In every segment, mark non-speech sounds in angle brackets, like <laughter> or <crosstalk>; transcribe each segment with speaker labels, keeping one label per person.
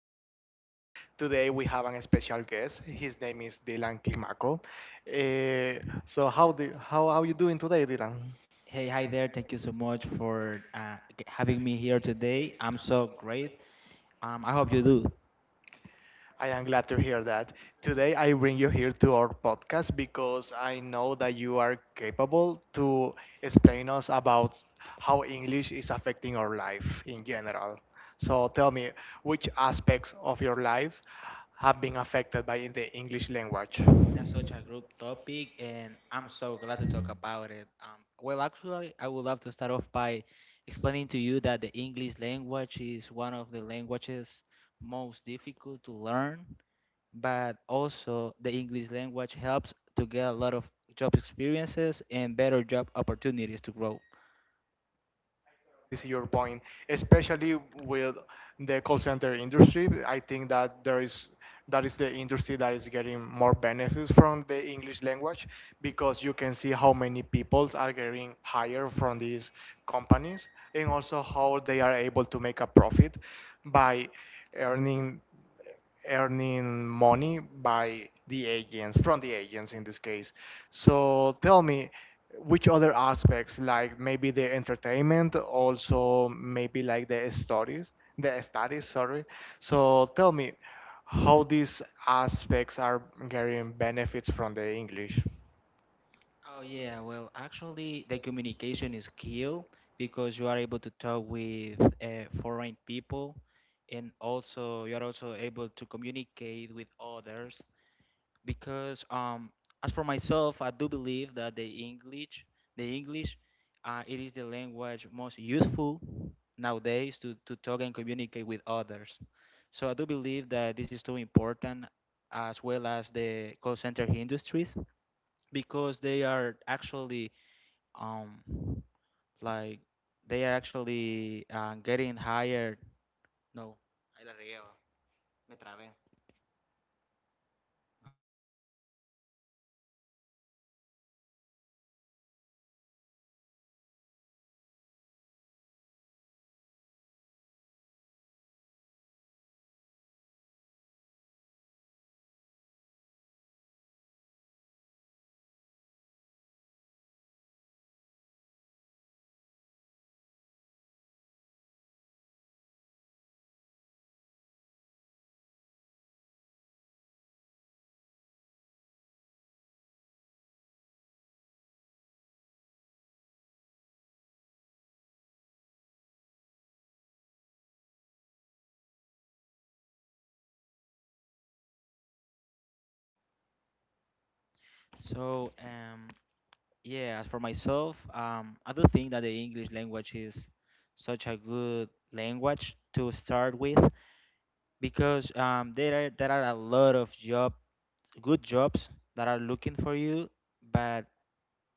Speaker 1: to our podcast. Today we have an special guest. His name is Dylan Climaco. Uh, how are you doing today, Dylan?
Speaker 2: Hey, hi there. Thank you so much for having me here today. I'm so great. I hope you do.
Speaker 1: I am glad to hear that. Today I bring you here to our podcast because I know that you are capable to explain us about how English is affecting our life in general. So tell me, which aspects of your lives have been affected by the English language?
Speaker 2: That's such a group topic, and I'm so glad to talk about it. I would love to start off by explaining to you that the English language is one of the languages most difficult to learn, but also the English language helps to get a lot of job experiences and better job opportunities to grow.
Speaker 1: Is your point, especially with the call center industry. I think that there is that is the industry that is getting more benefits from the English language because you can see how many people are getting hired from these companies and also how they are able to make a profit by earning earning money from the agents in this case. So tell me, which other aspects, like maybe the entertainment, also maybe like the stories, the studies, sorry. So tell me how these aspects are getting benefits from the English.
Speaker 2: Oh yeah, well, actually, the communication is key because you are able to talk with foreign people, and also you are also able to communicate with others. Because as for myself, I do believe that the English, it is the language most useful nowadays to talk and communicate with others. So I do believe that this is too important, as well as the call center industries, because they are actually um like they are actually getting hired no ahí la regué, va. Me trabé. So yeah, as for myself, I do think that the English language is such a good language to start with because there are a lot of job good jobs that are looking for you, but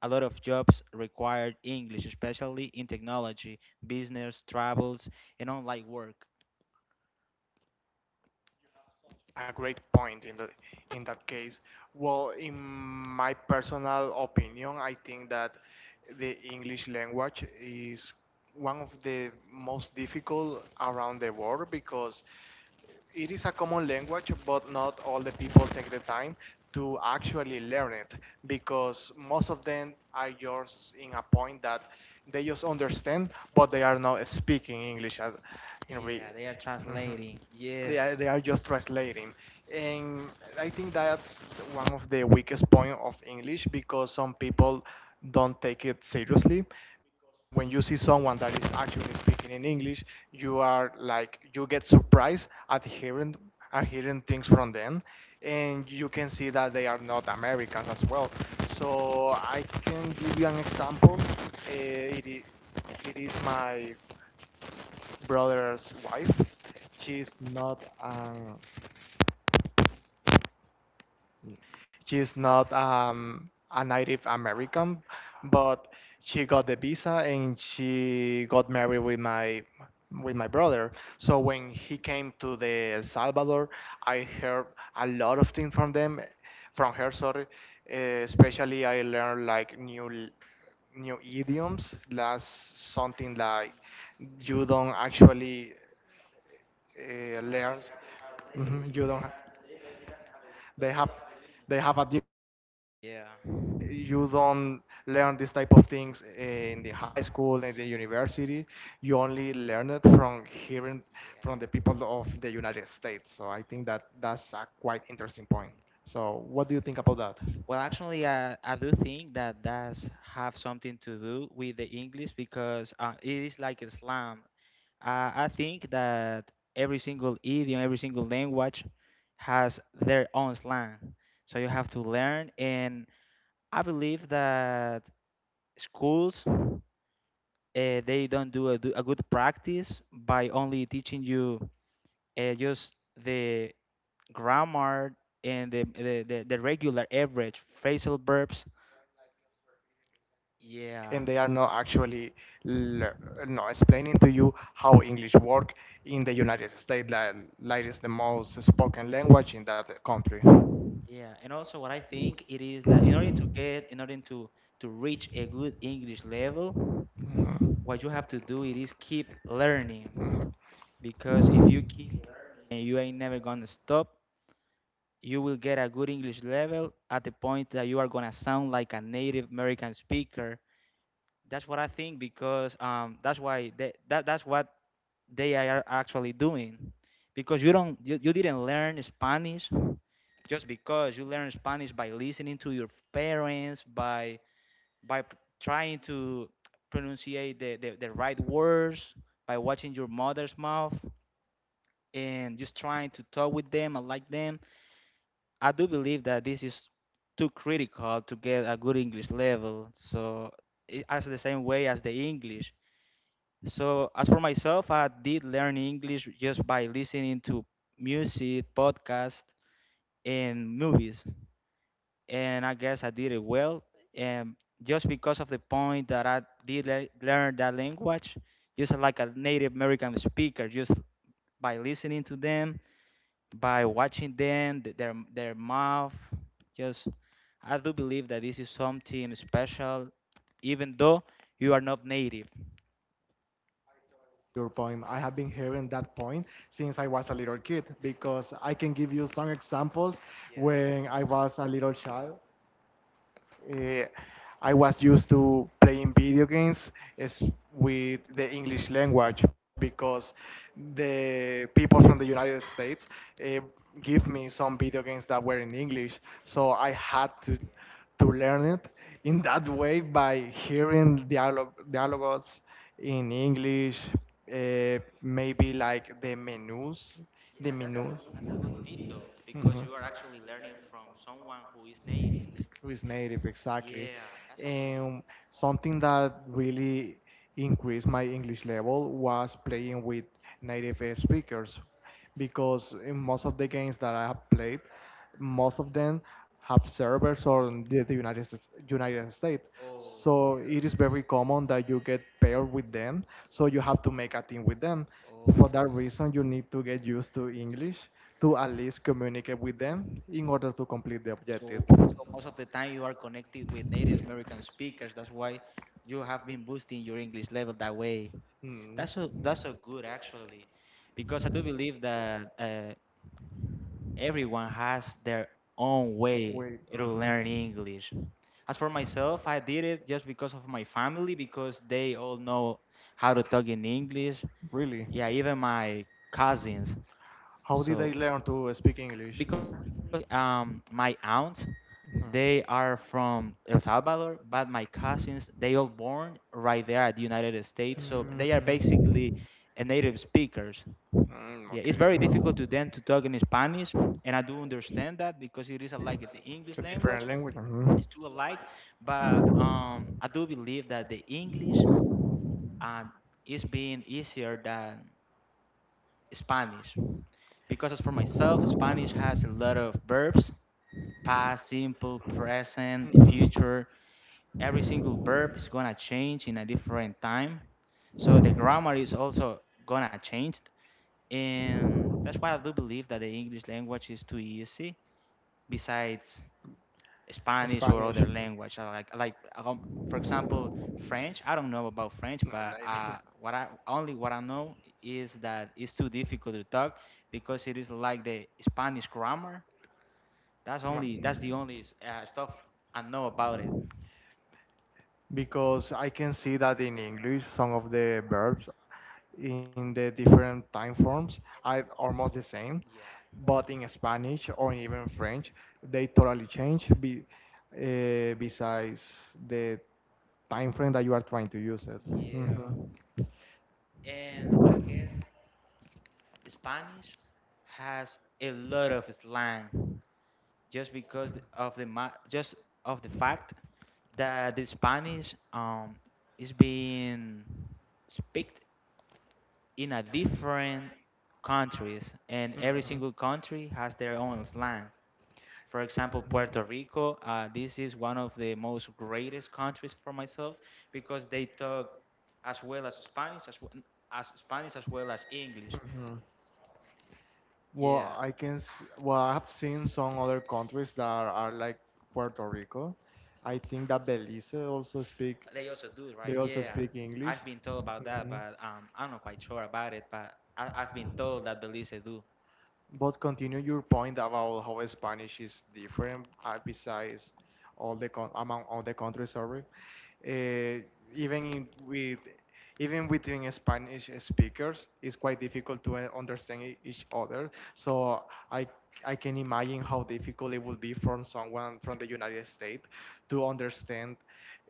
Speaker 2: a lot of jobs require English, especially in technology, business, travels, and online work.
Speaker 1: A great point in that case. Well, in my personal opinion, I think that the English language is one of the most difficult around the world because it is a common language, but not all the people take the time to actually learn it because most of them are just in a point that they just understand, but they are not speaking English as in re.
Speaker 2: Yeah, they are
Speaker 1: Mhm
Speaker 2: translating.
Speaker 1: they
Speaker 2: Yes,
Speaker 1: are, they are just translating, and I think that's one of the weakest point of English because some people don't take it seriously. When you see someone that is actually speaking in English, you are like, you get surprised at hearing things from them, and you can see that they are not Americans as well. So I can give you an example. It is my brother's wife. she's not an She's not a Native American, but she got the visa and she got married with my brother. So when he came to the El Salvador, I heard a lot of things from them, from her. Sorry, especially I learned like new idioms. That's something like you don't actually learn. Mhm. You don't. They have they have a
Speaker 2: yeah.
Speaker 1: You don't learn this type of things in the high school and the university. You only learn it from hearing from the people of the United States. So I think that that's a quite interesting point. So what do you think about that?
Speaker 2: Well, actually, I do think that that's have something to do with the English because it is like a slang. I think that every single idiom, every single language has their own slang. So you have to learn, and I believe that schools they don't do a good practice by only teaching you just the grammar and the regular average phrasal verbs. Yeah,
Speaker 1: And they are not actually le- no explaining to you how English works in the United States, like it's the most spoken language in that country.
Speaker 2: yeah. And also what I think it is that in order to reach a good English level,
Speaker 1: Mhm.
Speaker 2: what you have to do it is keep learning.
Speaker 1: Mhm.
Speaker 2: Because if you keep and you ain't never gonna stop, you will get a good English level at the point that you are gonna sound like a native American speaker. That's what I think, because that's why that's what they are actually doing. Because you don't you, you didn't learn Spanish just because you learn Spanish by listening to your parents, by trying to pronunciate the right words, by watching your mother's mouth and just trying to talk with them, and like them. I do believe that this is too critical to get a good English level, so it, as the same way as the English. So as for myself, I did learn English just by listening to music, podcasts, and movies, and I guess I did it well. And just because of the point that I did learn that language, just like a Native American speaker, just by listening to them, by watching them, their their mouth, just I do believe that this is something special, even though you are not native.
Speaker 1: Your point. I have been hearing that point since I was a little kid because I can give you some examples
Speaker 2: Yeah.
Speaker 1: when I was a little child. Uh, I was used to playing video games is with the English language because the people from the United States uh, give me some video games that were in English, so I had to learn it in that way by hearing dialogues in English, maybe like the menus,
Speaker 2: Yeah,
Speaker 1: the menus.
Speaker 2: that's a good tip though, because
Speaker 1: Mhm.
Speaker 2: you are actually learning from someone who is native.
Speaker 1: Who is native exactly.
Speaker 2: Yeah, that's a good.
Speaker 1: And something that really increased my English level was playing with native speakers because in most of the games that I have played, most of them have servers on the United States.
Speaker 2: Oh,
Speaker 1: So
Speaker 2: yeah.
Speaker 1: it is very common that you get paired with them. So you have to make a team with them.
Speaker 2: Oh, I
Speaker 1: For that
Speaker 2: see.
Speaker 1: reason, you need to get used to English to at least communicate with them in order to complete the objective.
Speaker 2: So most of the time you are connected with Native American speakers. That's why you have been boosting your English level that way.
Speaker 1: Mm.
Speaker 2: That's so good actually, because I do believe that everyone has their own way
Speaker 1: Wait.
Speaker 2: to learn
Speaker 1: Mhm.
Speaker 2: English. As for myself, I did it just because of my family, because they all know how to talk in English.
Speaker 1: Really?
Speaker 2: Yeah, even my cousins.
Speaker 1: Howdy
Speaker 2: So,
Speaker 1: Daile to speaking English.
Speaker 2: because
Speaker 1: Mhm.
Speaker 2: actually, my aunts, they are from El Salvador, but my cousins, they all born right there at the United States. So they are
Speaker 1: Mm.
Speaker 2: basically a native speakers.
Speaker 1: Mm,
Speaker 2: Yeah, it's
Speaker 1: okay.
Speaker 2: very difficult to them to talk in Spanish, and I do understand that because it is alike the
Speaker 1: A
Speaker 2: English
Speaker 1: different
Speaker 2: language.
Speaker 1: language. Mhm.
Speaker 2: It's too alike, but I do believe that the English um, is being easier than Spanish, because as for myself, Spanish has a lot of verbs, past, simple, present,
Speaker 1: Mhm.
Speaker 2: future. Every single verb is gonna change in a different time, so the grammar is also gonna change, and that's why I do believe that the English language is too easy besides Spanish or
Speaker 1: Spanish.
Speaker 2: other language. I like for example, French. I don't know about French,
Speaker 1: An
Speaker 2: but
Speaker 1: idea.
Speaker 2: what I know is that it's too difficult to talk because it is like the Spanish grammar. That's the only stuff I know about it.
Speaker 1: Because I can see that in English, some of the verbs in the different time forms are almost the same,
Speaker 2: Yeah,
Speaker 1: but in Spanish or even French, they totally change besides the time frame that you are trying to use it.
Speaker 2: yeah,
Speaker 1: Mhm.
Speaker 2: and I guess Spanish has a lot of slang just because just of the fact that the Spanish is being speaked in a different countries and every
Speaker 1: Mm.
Speaker 2: single country has their own slang. For example, Puerto Rico, this is one of the most greatest countries for myself, because they talk as well as Spanish as well as English.
Speaker 1: Mhm.
Speaker 2: Yeah,
Speaker 1: Well, I've seen some other countries that are like Puerto Rico. I think that Belize also
Speaker 2: they also do,
Speaker 1: they
Speaker 2: right?
Speaker 1: also
Speaker 2: Yeah.
Speaker 1: speak English.
Speaker 2: I've been told about that,
Speaker 1: Mhm.
Speaker 2: but I'm not quite sure about it, but I've been told that Belize do.
Speaker 1: But continue your point about how Spanish is different besides all the con among all the countries. Sorry, uh, even in, with even between Spanish speakers, it's quite difficult to understand each other. So I I can imagine how difficult it would be for someone from the United States to understand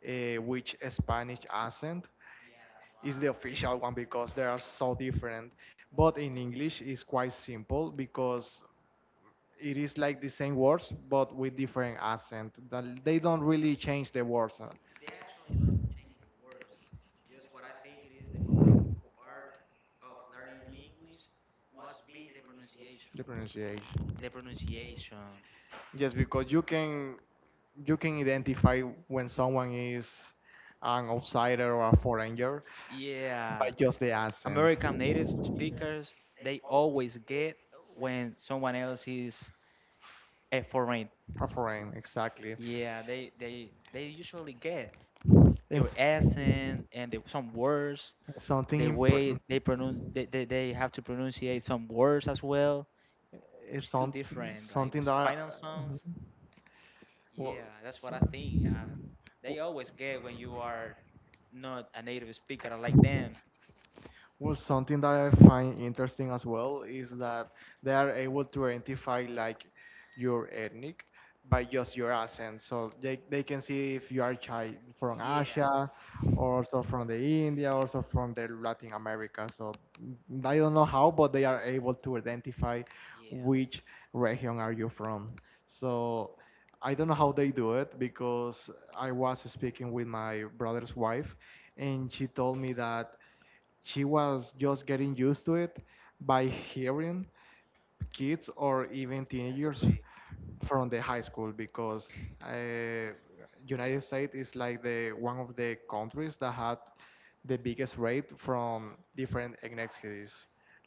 Speaker 1: which Spanish accent
Speaker 2: Yeah, that's
Speaker 1: is the
Speaker 2: right.
Speaker 1: official one because they are so different. But in English, it's quite simple because it is like the same words but with different accent. That They don't really change the words.
Speaker 2: They actually don't change the words. Just what I think it is the most difficult part of learning English must be the pronunciation.
Speaker 1: The pronunciation.
Speaker 2: The pronunciation.
Speaker 1: Yes, because you can identify when someone is an outsider or a foreigner by
Speaker 2: Yeah,
Speaker 1: just the accent.
Speaker 2: American native speakers, they always get when someone else is a foreign.
Speaker 1: A foreign, exactly.
Speaker 2: Yeah, they usually get
Speaker 1: It's
Speaker 2: your accent and the, some words
Speaker 1: something
Speaker 2: the
Speaker 1: important.
Speaker 2: way they pronounce they have to pronunciate some words as well.
Speaker 1: It's
Speaker 2: It's too different, like the
Speaker 1: something that I,
Speaker 2: final sounds.
Speaker 1: well,
Speaker 2: Yeah, that's
Speaker 1: s-
Speaker 2: what I think. They always get when you are not a native speaker like
Speaker 1: w-
Speaker 2: them.
Speaker 1: Well, something that I find interesting as well is that they are able to identify like your ethnic by just your accent. So they can see if you are chi from
Speaker 2: Yeah,
Speaker 1: Asia, or also from the India, also from the Latin America. So I don't know how, but they are able to identify
Speaker 2: yeah,
Speaker 1: which region are you from. So I don't know how they do it because I was speaking with my brother's wife, and she told me that she was just getting used to it by hearing kids or even
Speaker 2: yeah, you
Speaker 1: teenagers
Speaker 2: see
Speaker 1: from the high school because uh, United States is like the one of the countries that had the biggest rate from different ethnicities.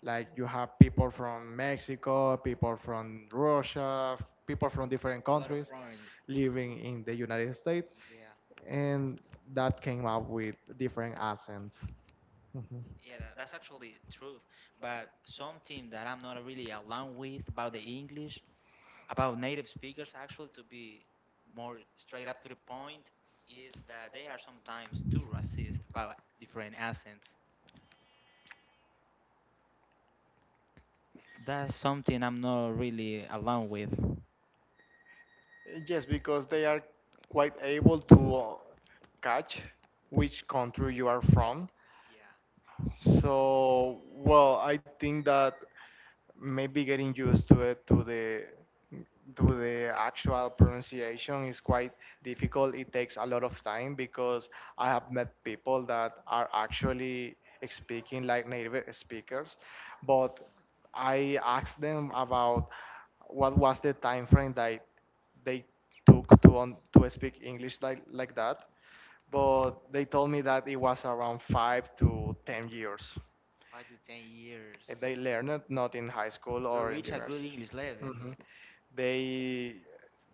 Speaker 1: Like you have people from Mexico, people from Russia, people from different
Speaker 2: a lot of
Speaker 1: countries
Speaker 2: foreigners.
Speaker 1: living in the United States,
Speaker 2: Yeah,
Speaker 1: and that came up with different accents.
Speaker 2: yeah, that's actually true. But something that I'm not really along with about the English, about native speakers, actually, to be more straight up to the point, is that they are sometimes too racist about different accents. That's something I'm not really along with.
Speaker 1: Yes, because they are quite able to catch which country you are from.
Speaker 2: Yeah,
Speaker 1: So, well, I think that maybe getting used to the actual pronunciation is quite difficult. It takes a lot of time because I have met people that are actually speaking like native speakers, but I asked them about what was the time frame that they took to speak English like that, but they told me that it was around 5 to 10 years.
Speaker 2: five to ten years
Speaker 1: They learn it not in high school
Speaker 2: to
Speaker 1: or in the
Speaker 2: reach a good
Speaker 1: university.
Speaker 2: English level though.
Speaker 1: Mhm. They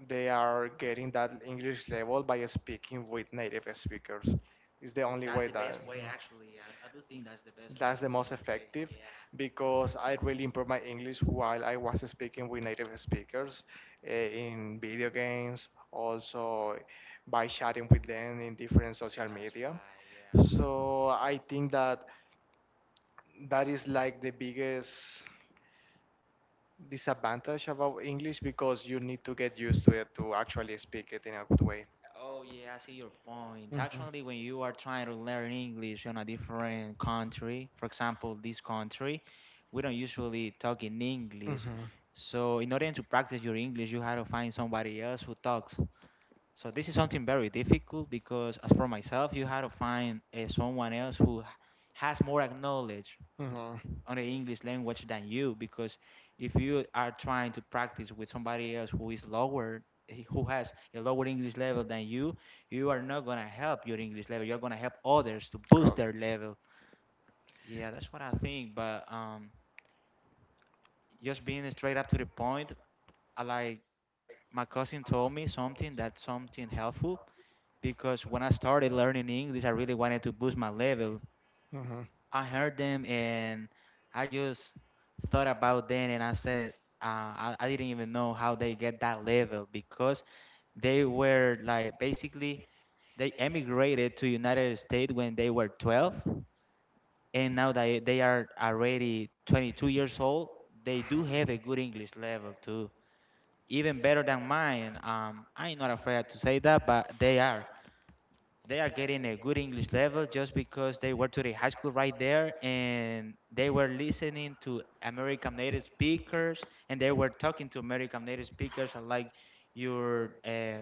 Speaker 1: they are getting that English level by speaking with native speakers. It's the only
Speaker 2: That's
Speaker 1: way
Speaker 2: the best way actually. I do think that's the
Speaker 1: that's the
Speaker 2: the
Speaker 1: most
Speaker 2: best way.
Speaker 1: effective
Speaker 2: Yeah,
Speaker 1: because I really improved my English while I was speaking with native speakers in video games, also by chatting with them in different social
Speaker 2: that's
Speaker 1: media.
Speaker 2: right. Yeah.
Speaker 1: So I think that that is like the biggest disadvantage about English because you need to get used to it to actually speak it in a good way.
Speaker 2: Oh yeah, I see your point.
Speaker 1: Mhm.
Speaker 2: Actually, when you are trying to learn English on a different country, for example, this country, we don't usually talk in English.
Speaker 1: Mhm.
Speaker 2: So in order to practice your English, you had to find somebody else who talks. So this is something very difficult, because as for myself, you had to find someone else who has more knowledge
Speaker 1: Mhm.
Speaker 2: on the English language than you. Because if you are trying to practice with somebody else who is lower who has a lower English level than you, you are not gonna help your English level. You're gonna help others to boost their level. Yeah, that's what I think. But just being straight up to the point, I like my cousin told me something that's something helpful, because when I started learning English, I really wanted to boost my level.
Speaker 1: Mhm.
Speaker 2: I heard them and I just thought about them and I said, I didn't even know how they get that level, because they were like basically they emigrated to United States when they were 12, and now they are already 22 years old. They do have a good English level too, even better than mine. I'm not afraid to say that, but they are getting a good English level just because they were to the high school right there, and they were listening to American native speakers, and they were talking to American native speakers, and like your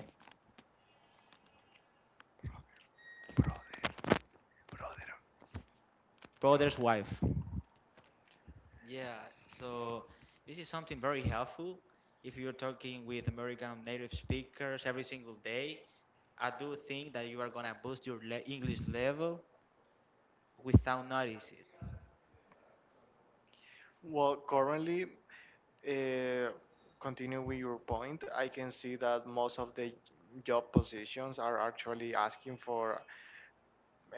Speaker 2: brother's wife. Yeah, so this is something very helpful if you're talking with American native speakers every single day. I do think that you are gonna boost your English level without notice it.
Speaker 1: Well, currently, uh, continue with your point. I can see that most of the job positions are actually asking for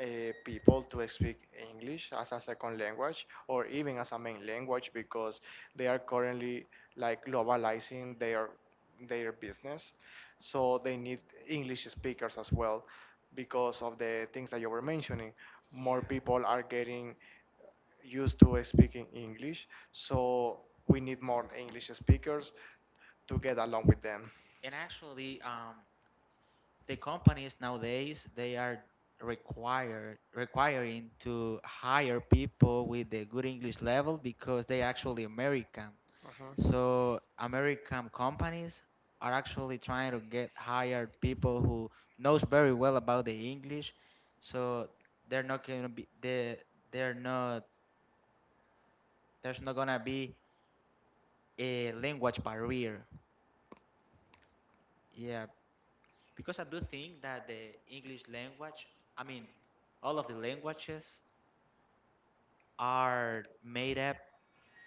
Speaker 1: people to speak English as a second language or even as a main language because they are currently like globalizing their business. So they need English speakers as well because of the things that you were mentioning. More
Speaker 2: Yeah.
Speaker 1: people are getting used to speaking English, so we need more English speakers to get along with them.
Speaker 2: And actually, the companies nowadays they are required requiring to hire people with a good English level, because they actually American.
Speaker 1: Uh-huh.
Speaker 2: So American companies are actually trying to get hired people who knows very well about the English. So they're not gonna be they they're not, there's not gonna be a language barrier. Yeah, because I do think that the English language, I mean, all of the languages are made up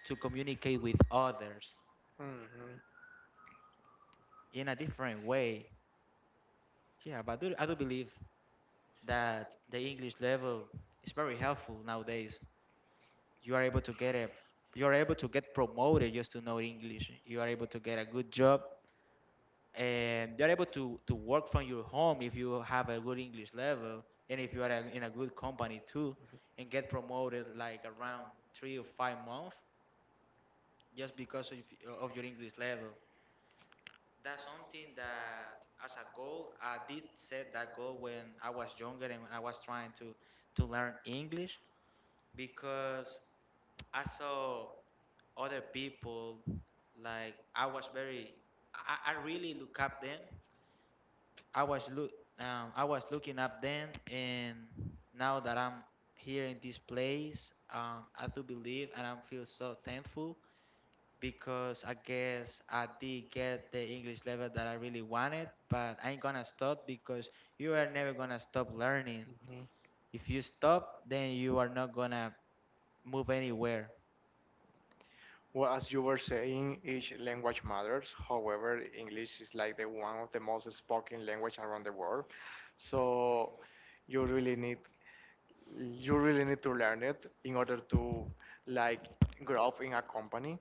Speaker 2: to communicate with others
Speaker 1: Mm-hmm.
Speaker 2: in a different way. Yeah, but I do believe that the English level is very helpful nowadays. You are able to get a you are able to get promoted just to know English. You are able to get a good job and you are able to work from your home if you have a good English level and if you are in a good company too and get promoted like around 3 or 5 months just because of your English level. That's something that, as a goal, I did set that goal when I was younger and when I was trying to learn English because I saw other people like I was very I really look up them. I was look I was looking up them, and now that I'm here in this place, I do believe and I feel so thankful because I guess I did get the English level that I really wanted, but I ain't gonna stop because you are never gonna stop learning.
Speaker 1: Mhm.
Speaker 2: If you stop, then you are not gonna move anywhere,
Speaker 1: Well, as you were saying, each language matters. However, English is like the one of the most spoken language around the world. So you really need you really need to learn it in order to like grow up in a company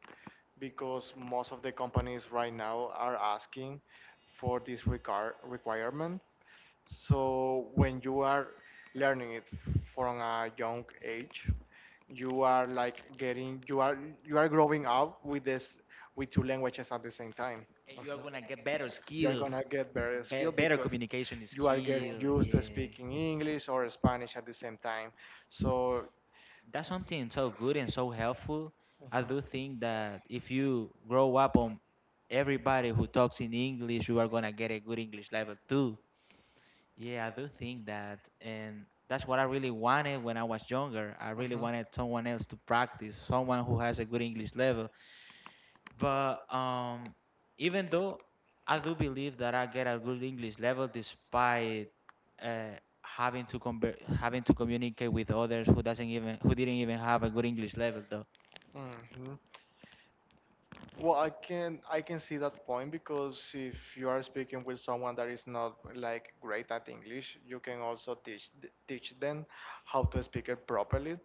Speaker 1: because most of the companies right now are asking for this requirement. So when you are learning it from a young age, you are like getting you are you are growing up with this with two languages at the same time.
Speaker 2: and you are
Speaker 1: Mhm.
Speaker 2: gonna get better
Speaker 1: You are
Speaker 2: skills,
Speaker 1: gonna get better skill
Speaker 2: better
Speaker 1: because
Speaker 2: communication
Speaker 1: you are getting
Speaker 2: skill.
Speaker 1: used to
Speaker 2: Yeah,
Speaker 1: speaking English or Spanish at the same time. So,
Speaker 2: that's something so good and so helpful. I do think that if you grow up on everybody who talks in English, you are gonna get a good English level too. Yeah, I do think that, and that's what I really wanted when I was younger. I really wanted someone else to practice, someone who has a good English level. But even though I do believe that I get a good English level, despite uh, having to having to communicate with others who doesn't even who didn't even have a good English level, though.
Speaker 1: hmm well, I can see that point because if you are speaking with someone that is not like great at English, you can also teach them how to speak it properly.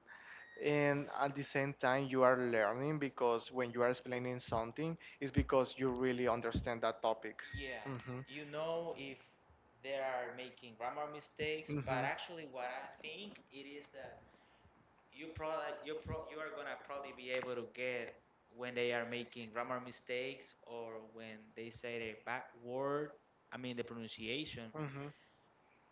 Speaker 1: And at the same time you are learning because when you are explaining something, it's because you really understand that topic.
Speaker 2: Yeah,
Speaker 1: Hmm.
Speaker 2: you know if they are making grammar mistakes, but actually, what I think it is that you are gonna probably be able to get when they are making grammar mistakes or when they say the back word, I mean the pronunciation,
Speaker 1: Mhm.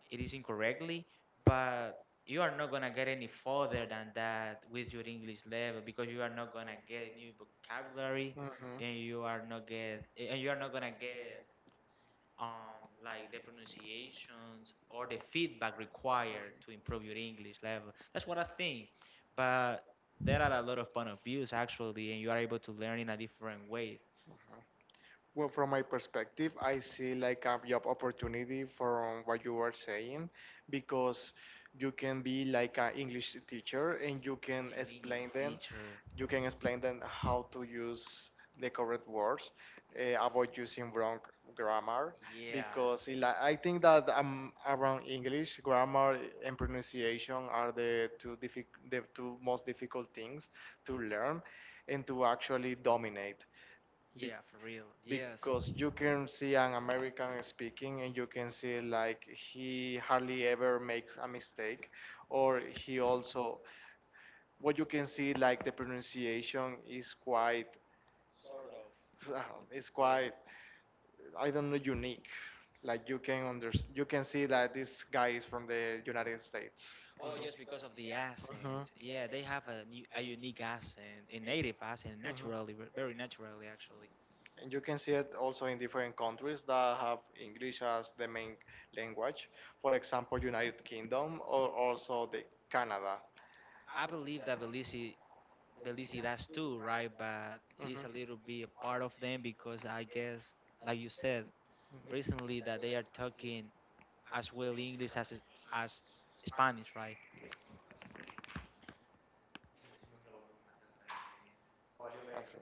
Speaker 2: it is incorrectly, but you are not gonna get any further than that with your English level because you are not gonna get new vocabulary and you are not gonna get um, like the pronunciations or the feedback required to improve your English level. That's what I think. But there are a lot of point of views actually, and you are able to learn in a different way.
Speaker 1: Uh-huh. Well, from my perspective, I see like a job opportunity from what you are saying because you can be like an English teacher and you can
Speaker 2: An English
Speaker 1: explain them,
Speaker 2: teacher.
Speaker 1: you can explain them how to use the correct words, avoid using wrong grammar
Speaker 2: Yeah,
Speaker 1: because it, like, I think that around English, grammar and pronunciation are the two most difficult things to learn and to actually dominate
Speaker 2: yeah, for real. Yes,
Speaker 1: because you can see an American speaking and you can see like he hardly ever makes a mistake, or he also, what you can see, like the pronunciation is quite
Speaker 2: sort of.
Speaker 1: <laughs> is
Speaker 2: Yeah.
Speaker 1: quite I don't know, unique. Like you can see that this guy is from the United States.
Speaker 2: Oh, just because of the
Speaker 1: Hmm.
Speaker 2: accent. Yeah, they have a unique accent, a native accent,
Speaker 1: Hmm.
Speaker 2: naturally, very naturally, actually.
Speaker 1: And you can see it also in different countries that have English as the main language. For example, United Kingdom, or also the Canada.
Speaker 2: I believe that Belize does too, right? But
Speaker 1: Mhm,
Speaker 2: it's a little bit a part of them because I guess, like you said
Speaker 1: mhm.
Speaker 2: recently, that they are talking as well English as Spanish, right?
Speaker 1: I see.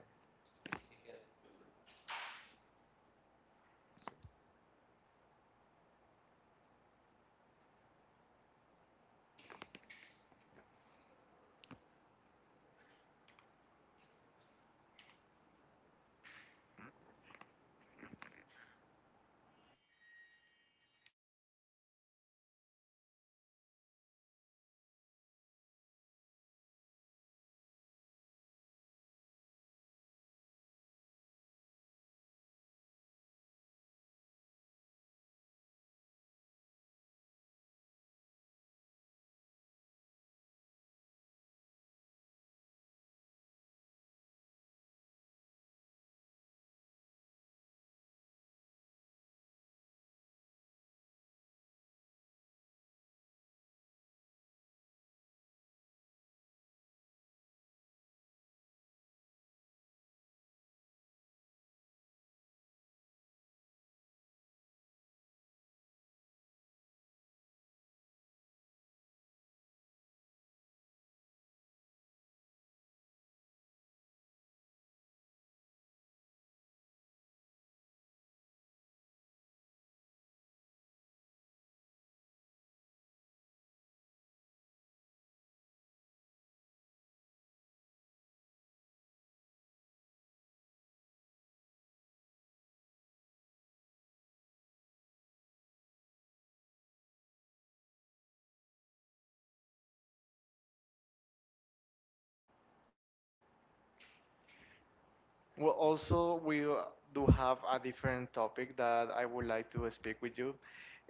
Speaker 1: Well, also, we do have a different topic that I would like to speak with you.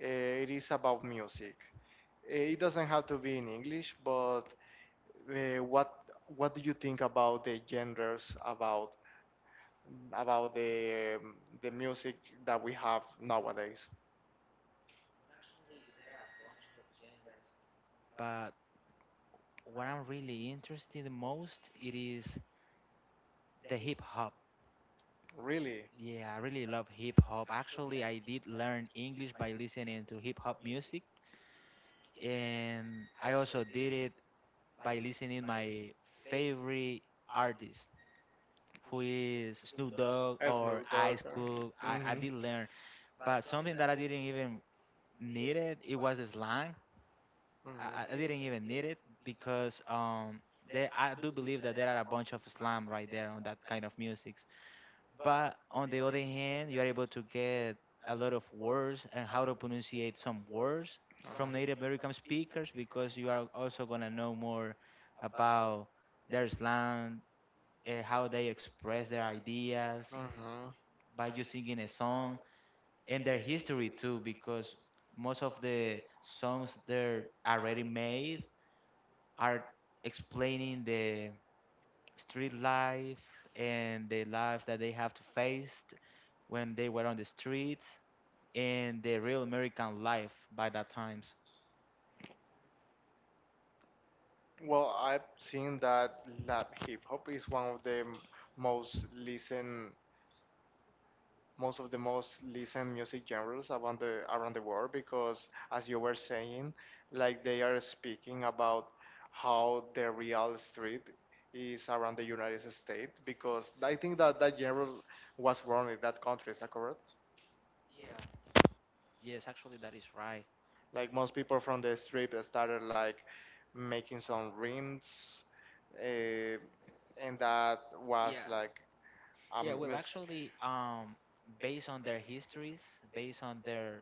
Speaker 1: It is about music. It doesn't have to be in English, but uh, what what do you think about the genres, about the music that we have nowadays?
Speaker 2: But what I'm really interested in most it is the hip hop.
Speaker 1: Really?
Speaker 2: Yeah, I really love hip hop. Actually, I did learn English by listening to hip hop music and I also did it by listening my favorite artist, who is Snoop Dogg or
Speaker 1: Snoop Dogg.
Speaker 2: Ice Cube. I
Speaker 1: Mm-hmm.
Speaker 2: did learn, but something that I didn't even need it. It was the slang. I didn't even need it because there I do believe that there are a bunch of slang right there on that kind of music. But on the other hand, you are able to get a lot of words and how to pronunciate some words from Native American speakers because you are also gonna know more about their slang, how they express their ideas
Speaker 1: Mm-hmm.
Speaker 2: by just singing a song, and their history too, because most of the songs they're already made are explaining the street life and the life that they have to face when they were on the streets and the real American life by that times.
Speaker 1: Well, I've seen that lab hip hop is one of the most listen, most of the most listened music genres around the world because, as you were saying, like they are speaking about how the real street is around the United States, because I think that that genre was born in that country. Is that correct?
Speaker 2: Yeah. Yes, actually that is right.
Speaker 1: Like most people from the street started like making some rhymes, uh, and that was
Speaker 2: Yeah.
Speaker 1: like I'm
Speaker 2: Yeah.
Speaker 1: missing.
Speaker 2: Well,
Speaker 1: Miss.
Speaker 2: actually, based on their histories, based on their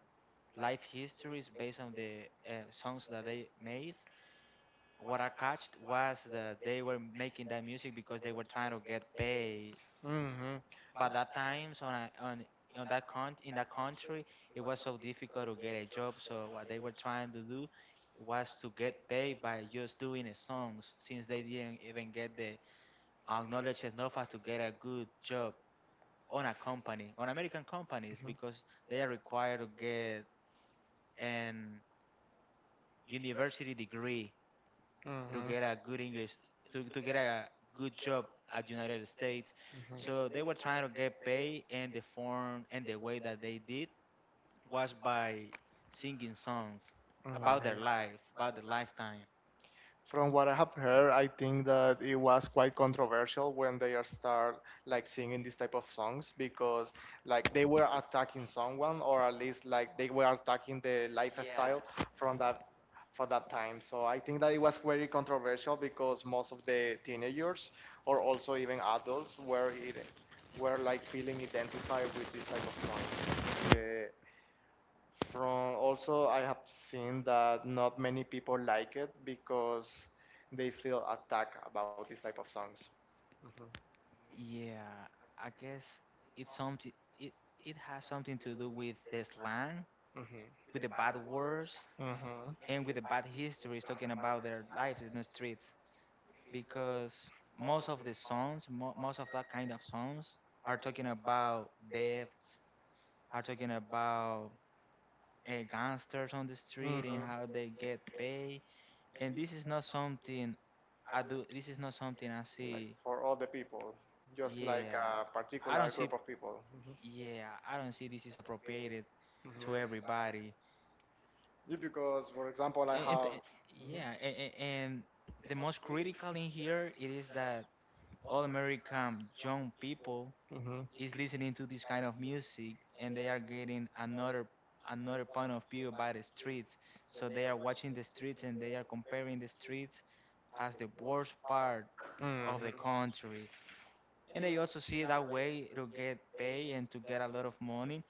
Speaker 2: life histories, based on the songs that they made, what I catched was that they were making that music because they were trying to get paid.
Speaker 1: Mhm.
Speaker 2: But that times on on that con in that country, it was so difficult to get a job. So what they were trying to do was to get paid by just doing the songs, since they didn't even get the acknowledged enough as to get a good job on a company, on American companies, because they are required to get an university degree to
Speaker 1: Mhm.
Speaker 2: get a good English, to get a good job at United States. So
Speaker 1: Mhm.
Speaker 2: they were trying to get paid in the form and the way that they did was by singing songs about their
Speaker 1: Mhm.
Speaker 2: life, about their lifetime.
Speaker 1: From what I have heard, I think that it was quite controversial when they are start like singing this type of songs, because like they were attacking someone, or at least like they were attacking the lifestyle from that for that time. So I think that it was very controversial because most of the teenagers, or also even adults, were like feeling identified with this type of song. From also, I have seen that not many people like it because they feel attacked about this type of songs. Mhm.
Speaker 2: Yeah, I guess it's something. It it has something to do with the slang,
Speaker 1: Mm-hmm.
Speaker 2: with the bad words,
Speaker 1: Mm-hmm.
Speaker 2: and with the bad histories talking about their life in the streets. Because most of the songs, most of that kind of songs, are talking about deaths, are talking about gangsters on the street
Speaker 1: Mm-hmm.
Speaker 2: and how they get paid. And this is not something I do. This is not something I
Speaker 1: Like
Speaker 2: see.
Speaker 1: for all the people, just like
Speaker 2: Yeah,
Speaker 1: a
Speaker 2: I
Speaker 1: particular
Speaker 2: don't see.
Speaker 1: group of people.
Speaker 2: Yeah, I don't see this is appropriated
Speaker 1: Mhm. Mhm.
Speaker 2: to everybody.
Speaker 1: Yeah, because, for example, I
Speaker 2: And, and,
Speaker 1: have.
Speaker 2: and-
Speaker 1: Mhm.
Speaker 2: yeah, and the most critical in here it is that all American young people
Speaker 1: Mhm.
Speaker 2: is listening to this kind of music and they are getting another point of view by the streets, so they are watching the streets and they are comparing the streets as the worst part
Speaker 1: Mhm.
Speaker 2: of the country and they also see that way to get paid and to get a lot of money,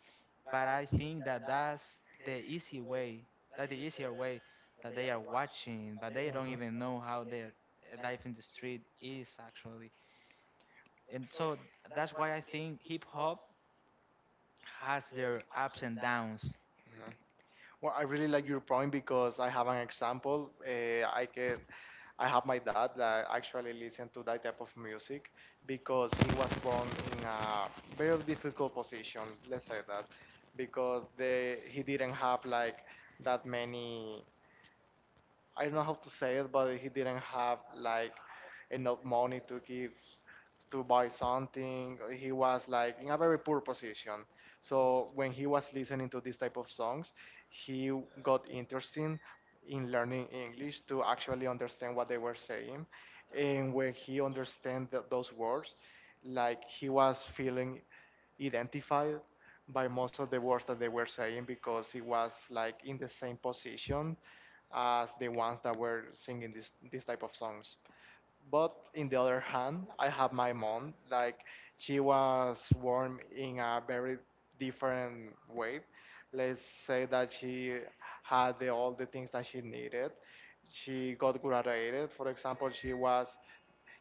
Speaker 2: but I think that that's the easy way that the easier way that they are watching, but they don't
Speaker 1: Yeah.
Speaker 2: even know how their life in the street is actually. And so that's why I think hip hop has their ups and downs.
Speaker 1: Well, I really like your point because I have an example. I have my dad that actually listened to that type of music because he was born in a very difficult position. Let's say that, because they he didn't have like that many, I don't know how to say it, but he didn't have like enough money to buy something. He was like in a very poor position. So when he was listening to this type of songs, he got interested in learning English to actually understand what they were saying. And when he understand those words, like he was feeling identified by most of the words that they were saying, because he was like in the same position as the ones that were singing this type of songs. But in the other hand, I have my mom. Like she was born in a very different way. Let's say that she had all the things that she needed. She got graduated. For example, she was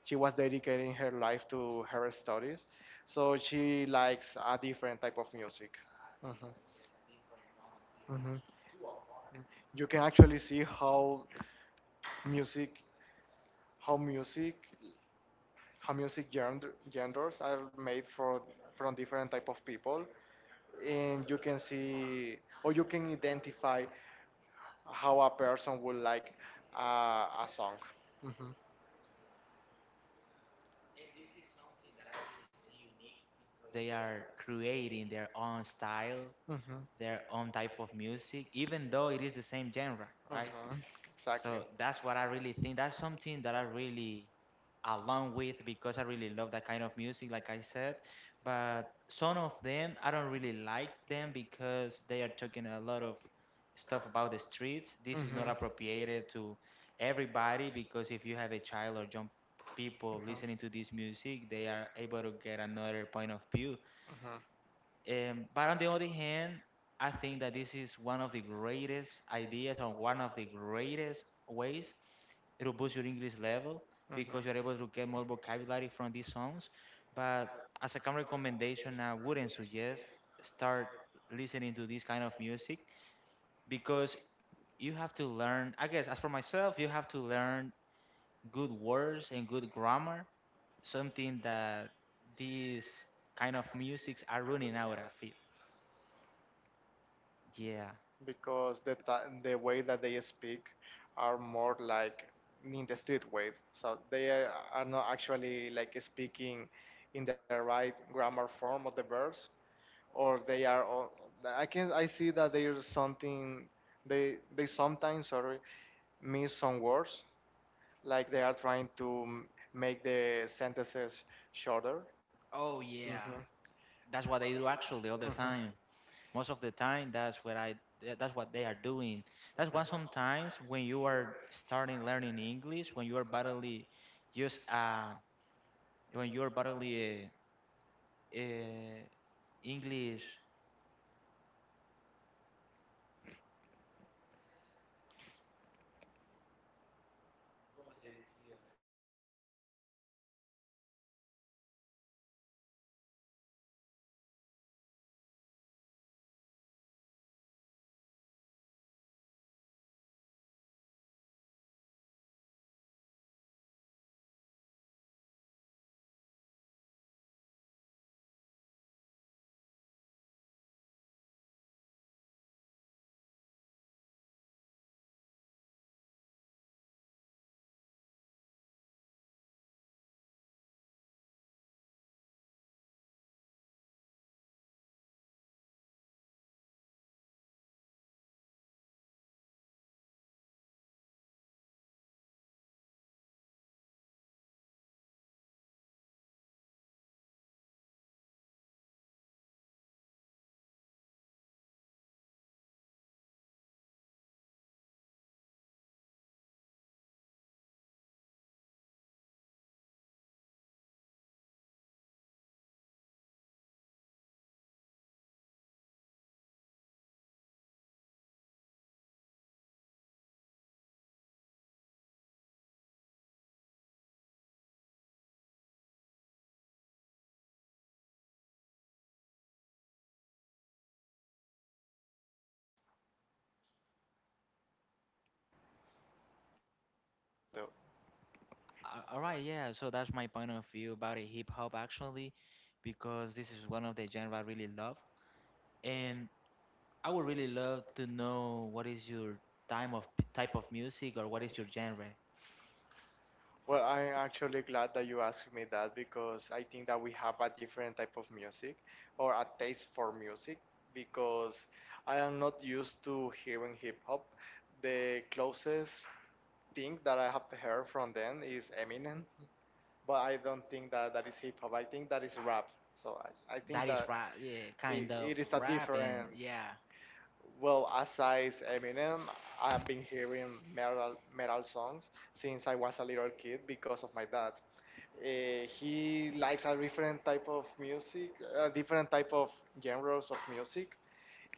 Speaker 1: she was dedicating her life to her studies. So she likes a different type of music. Hmm. Hmm. You can actually see how music how music how music genres are made for from different type of people, and you can see or you can identify how a person would like a song. Hmm.
Speaker 2: They are creating their own style,
Speaker 1: Hmm.
Speaker 2: their own type of music, even though it is the same genre, right?
Speaker 1: Hmm. Exactly.
Speaker 2: So that's what I really think. That's something that I really along with because I really love that kind of music, like I said. But some of them, I don't really like them because they are talking a lot of stuff about the streets. This is not
Speaker 1: Hmm.
Speaker 2: appropriated to everybody because if you have a child or young people listening to this music, they are able to get another point of view.
Speaker 1: Mhm.
Speaker 2: But on the other hand, I think that this is one of the greatest ideas or one of the greatest ways it'll boost your English level
Speaker 1: Mhm. Mhm.
Speaker 2: because you're able to get more vocabulary from these songs. But as a common recommendation, I wouldn't suggest start listening to this kind of music because you have to learn. I guess as for myself, you have to learn good words and good grammar, something that these kind of musics are running out, I feel. Yeah.
Speaker 1: Because the way that they speak are more like in the street way. So they are not actually like speaking in the right grammar form of the verbs, or they are. I see that there's something, they sometimes, sorry, miss some words, like they are trying to make the sentences shorter.
Speaker 2: Oh yeah,
Speaker 1: Mhm.
Speaker 2: that's what I do actually all the
Speaker 1: Mhm.
Speaker 2: time. Most of the time that's what I, that's what they are doing. That's why sometimes when you are starting learning English, when you are barely just when you are barely uh, uh, English,
Speaker 1: Mhm.
Speaker 2: all right. Yeah, so that's my point of view about it, hip hop actually, because this is one of the genre I really love, and I would really love to know what is your time of type of music or what is your genre.
Speaker 1: Well, I'm actually glad that you asked me that, because I think that we have a different type of music, or a taste for music, because I am not used to hearing hip hop. The closest thing that I have heard from them is Eminem, but I don't think that that is hip hop. I think that is rap. So I
Speaker 2: That
Speaker 1: think
Speaker 2: is
Speaker 1: that
Speaker 2: rap, yeah, kind
Speaker 1: it,
Speaker 2: of
Speaker 1: it is a
Speaker 2: rapping,
Speaker 1: different.
Speaker 2: yeah.
Speaker 1: Well, aside Eminem, I've been hearing metal songs since I was a little kid because of my dad. He likes a different type of music, a different type of genres of music.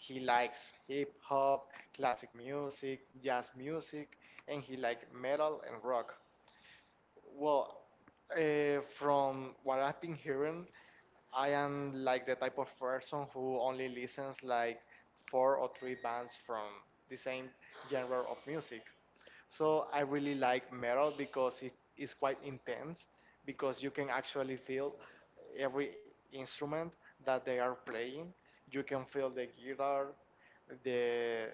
Speaker 1: He likes hip hop, classic music, jazz music, and he likes metal and rock. Well, from what I've been hearing, I am like the type of person who only listens like four or three bands from the same genre of music. So I really like metal because it is quite intense, because you can actually feel every instrument that they are playing. You can feel the guitar, the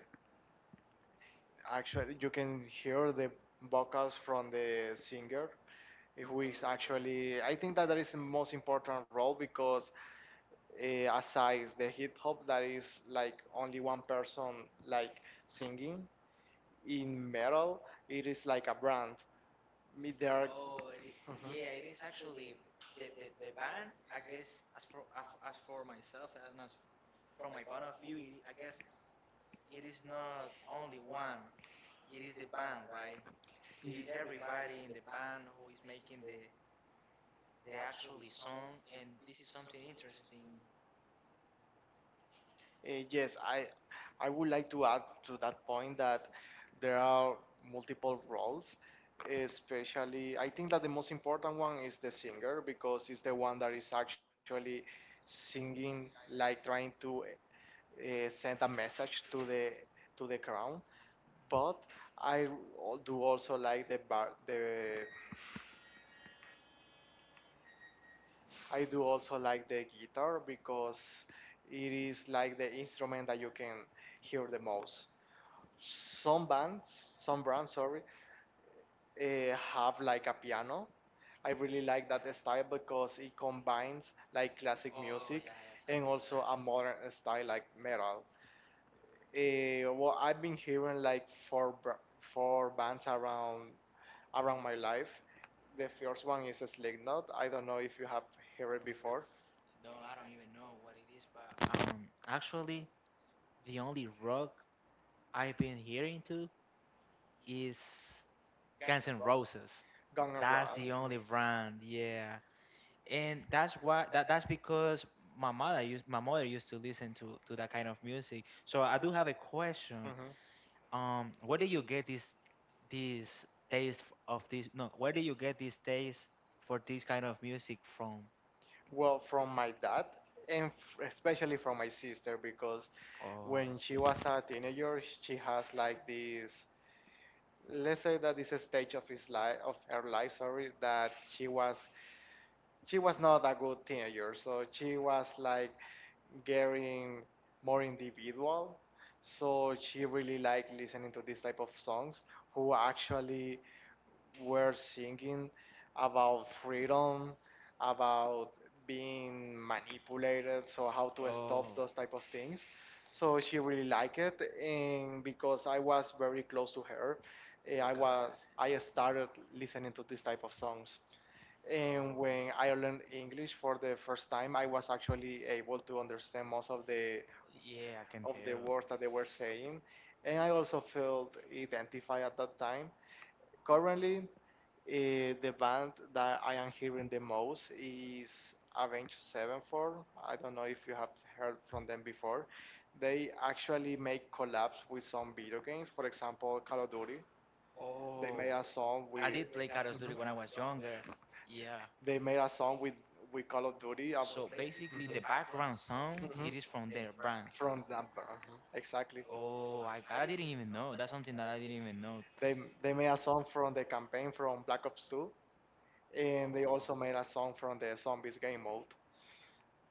Speaker 1: actually, you can hear the vocals from the singer. If we actually, I think that that is the most important role, because aside the hip hop, that is like only one person like singing. In metal, it is like a brand. Me- There are,
Speaker 2: Oh, yeah, it is actually the band. I guess as for myself and as from my point of view, it, I guess it is not only one. It is the band, right? It is everybody in the band who is making
Speaker 1: Mhm.
Speaker 2: the actually song, and this is something interesting.
Speaker 1: Yes, I would like to add to that point that there are multiple roles, especially I think that the most important one is the singer, because it's the one that is actually singing, like trying to send a message to the crowd. But I al- do also like the bar, the I do also like the guitar because it is like the instrument that you can hear the most. Some bands, some brands, sorry, have like a piano. I really like that style because it combines like classic
Speaker 2: Oh
Speaker 1: music
Speaker 2: yeah, that's a
Speaker 1: and
Speaker 2: good
Speaker 1: also a
Speaker 2: actual thing.
Speaker 1: modern style like metal. Well, I've been hearing like four bands around my life. The first one is Slipknot. I don't know if you have heard it
Speaker 2: Of real.
Speaker 1: before.
Speaker 2: No, I don't even know what it is, but actually, the only rock I've been hearing to is Guns N' Roses.
Speaker 1: Gang N'
Speaker 2: That's
Speaker 1: Run.
Speaker 2: the only brand, yeah. And that's why that that's because my mother used to listen to that kind of music. So I do have a question. Where do you get this taste of this? No, where do you get this taste for this kind of music from?
Speaker 1: Well, from my dad and especially from my sister, because
Speaker 2: Uh,
Speaker 1: when she was a teenager, she has like this, let's say that this stage of his life, of her life, sorry, that she was not a good teenager, so she was like getting more individual. So she really liked listening to this type of songs who actually were singing about freedom, about being manipulated, so how to stop
Speaker 2: oh,
Speaker 1: those type of things. So she really liked it, and because I was very close to her,
Speaker 2: God.
Speaker 1: I started listening to this type of songs. And
Speaker 2: Oh,
Speaker 1: when I learned English for the first time, I was actually able to understand most of the
Speaker 2: yeah, I can
Speaker 1: of the
Speaker 2: tell.
Speaker 1: words that they were saying, and I also felt identified at that time. Currently, the band that I am hearing the most is Avenged Sevenfold. I don't know if you have heard from them before. They actually make collabs with some video games, for example, Call of Duty. They
Speaker 2: Oh,
Speaker 1: made a song with.
Speaker 2: I did play Call of Duty
Speaker 1: Mhm.
Speaker 2: when I was younger. Yeah.
Speaker 1: They made a song with Call of Duty.
Speaker 2: So basically, the
Speaker 1: Mhm,
Speaker 2: background sound it
Speaker 1: mhm,
Speaker 2: is from their brand.
Speaker 1: from Damper, mhm, exactly.
Speaker 2: Oh, I didn't even know. That's something that I didn't even know.
Speaker 1: They they made a song from the campaign from Black Ops 2, and they also
Speaker 2: Oh,
Speaker 1: made a song from the Zombies game mode.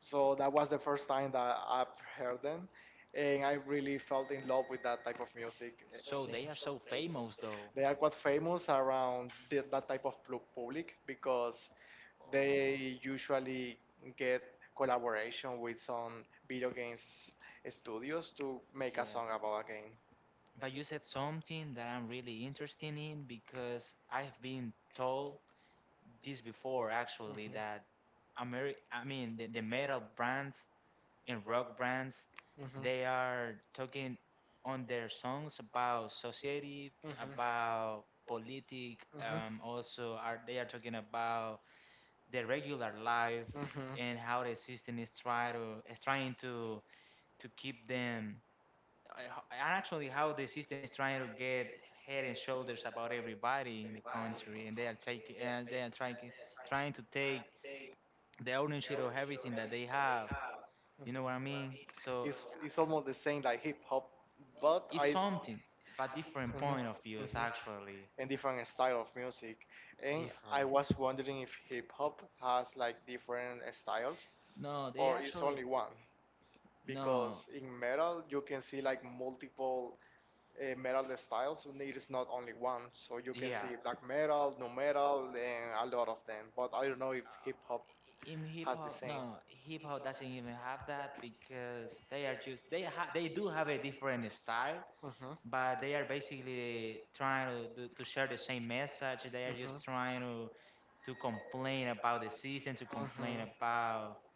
Speaker 1: So that was the first time that I've heard them, and I really felt in love with that type of music.
Speaker 2: so they are so famous though.
Speaker 1: They are quite famous around that type of public, because
Speaker 2: Oh,
Speaker 1: they usually get collaboration with some video games studios to make a
Speaker 2: yeah.
Speaker 1: song about a game.
Speaker 2: But you said something that I'm really interested in because I've been told this before actually
Speaker 1: Mhm.
Speaker 2: that Ameri I mean the metal brands in rock bands, they are talking on their songs about society,
Speaker 1: Mhm.
Speaker 2: about politic, also are they are talking about their regular life and how the system is try to is trying to keep them actually how the system is trying to get head and shoulders about everybody in the country and they are taking and they are trying to take the ownership of everything that they have,
Speaker 1: Mhm.
Speaker 2: you know what I mean? So
Speaker 1: It's almost the same like hip hop, but
Speaker 2: it's
Speaker 1: I.
Speaker 2: something, but different
Speaker 1: Mhm,
Speaker 2: point of views
Speaker 1: mhm.
Speaker 2: actually.
Speaker 1: And different style of music. And I
Speaker 2: Different.
Speaker 1: was wondering if hip hop has like different styles,
Speaker 2: No, they
Speaker 1: or it's only
Speaker 2: actually
Speaker 1: one, because
Speaker 2: no.
Speaker 1: in metal you can see like multiple metal styles, and it is not only one, so you can see
Speaker 2: Yeah.
Speaker 1: black metal, nu metal, and a lot of them, but I don't know if hip hop
Speaker 2: Uh, in
Speaker 1: has
Speaker 2: hip
Speaker 1: the
Speaker 2: hop,
Speaker 1: same.
Speaker 2: no, hip hop doesn't even have that because they are just they ha they do have a different style, but they are basically trying to to share the same message. They are just trying to complain about the system, to complain about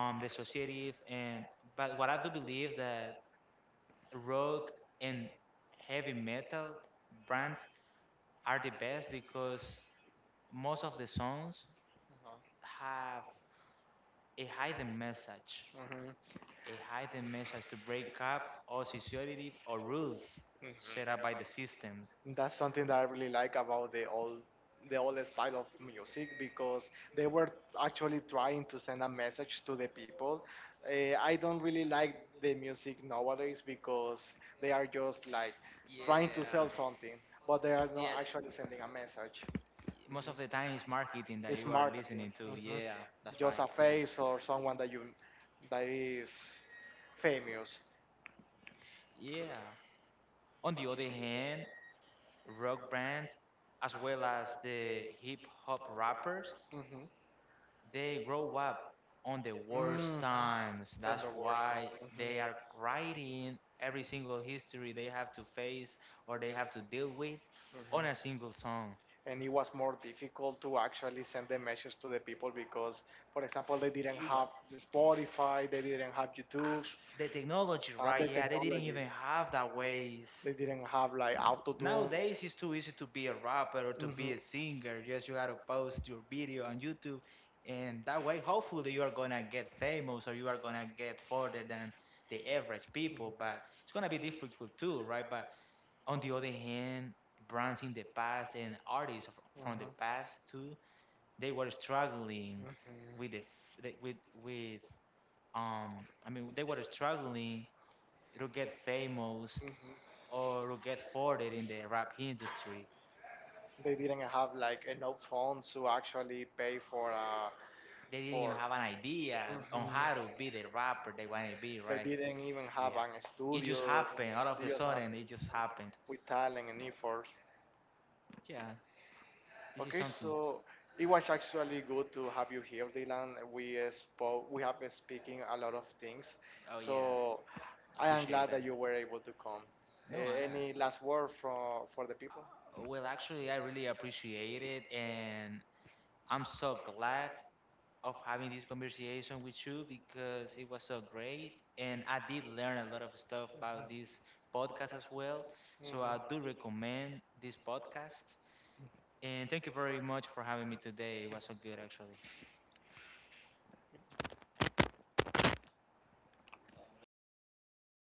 Speaker 2: the society. And but what I do believe that rock and heavy metal brands are the best because most of the songs have a hidden message, a hidden message to break up or society or rules
Speaker 1: Mhm.
Speaker 2: set up by the system.
Speaker 1: That's something that I really like about the old style of music, because they were actually trying to send a message to the people. I don't really like the music nowadays because they are just like trying to sell something, but they are not
Speaker 2: Yeah,
Speaker 1: actually sending a message. Mhm.
Speaker 2: most of the time it's marketing
Speaker 1: It's
Speaker 2: that you are
Speaker 1: marketing.
Speaker 2: listening to.
Speaker 1: Mhm.
Speaker 2: Yeah, that's
Speaker 1: Just a
Speaker 2: right. Yeah.
Speaker 1: face, or someone that is famous.
Speaker 2: Yeah. On the other hand, rock bands as well as the hip hop rappers,
Speaker 1: Mhm.
Speaker 2: they grow up on the
Speaker 1: Mm,
Speaker 2: worst times.
Speaker 1: than the
Speaker 2: That's
Speaker 1: worst
Speaker 2: why
Speaker 1: one.
Speaker 2: they
Speaker 1: Mhm.
Speaker 2: are writing every single history they have to face or they have to deal with
Speaker 1: Mhm.
Speaker 2: on a single song.
Speaker 1: And it was more difficult to actually send the message to the people, because, for example, they didn't
Speaker 2: It was
Speaker 1: have Spotify, they didn't have YouTube,
Speaker 2: Actu the technology, right?
Speaker 1: the
Speaker 2: Yeah, they didn't
Speaker 1: technology.
Speaker 2: even have that
Speaker 1: They
Speaker 2: ways.
Speaker 1: didn't have like auto tune.
Speaker 2: Nowadays, it's too easy to be a rapper or to
Speaker 1: Hmm.
Speaker 2: be a singer. Just you gotta post your video on YouTube, and that way, hopefully, you are gonna get famous or you are gonna get further than the average people. But it's gonna be difficult too, right? But on the other hand, brands in the past and artists from the past too, they were struggling
Speaker 1: Hmm.
Speaker 2: with the
Speaker 1: Hmm.
Speaker 2: with um, I mean they were struggling to get famous
Speaker 1: Hmm.
Speaker 2: or to get forwarded in the rap industry.
Speaker 1: They didn't have like enough funds to actually pay for uh
Speaker 2: They didn't
Speaker 1: for.
Speaker 2: even have an idea on
Speaker 1: Mhm.
Speaker 2: how to be the rapper they want to be,
Speaker 1: They
Speaker 2: right?
Speaker 1: didn't even have
Speaker 2: Yeah,
Speaker 1: an
Speaker 2: it just
Speaker 1: studio.
Speaker 2: happened all of
Speaker 1: They
Speaker 2: the
Speaker 1: just have
Speaker 2: sudden. It just happened.
Speaker 1: with talent and effort.
Speaker 2: Yeah, this is
Speaker 1: Okay,
Speaker 2: something.
Speaker 1: so it was actually good to have you here, Dylan. We spoke. We have been speaking a lot of things.
Speaker 2: Oh yeah,
Speaker 1: So
Speaker 2: I
Speaker 1: I am
Speaker 2: appreciate
Speaker 1: glad that
Speaker 2: that.
Speaker 1: you were able to come. Uh,
Speaker 2: No, I,
Speaker 1: any last word for the people?
Speaker 2: well actually I really appreciate it and I'm so glad of having this conversation with you because it was so great and I did learn a lot of stuff about this podcast as well. So I do
Speaker 1: Mhm.
Speaker 2: recommend this podcast. And thank you very much for having me today. It was so good actually.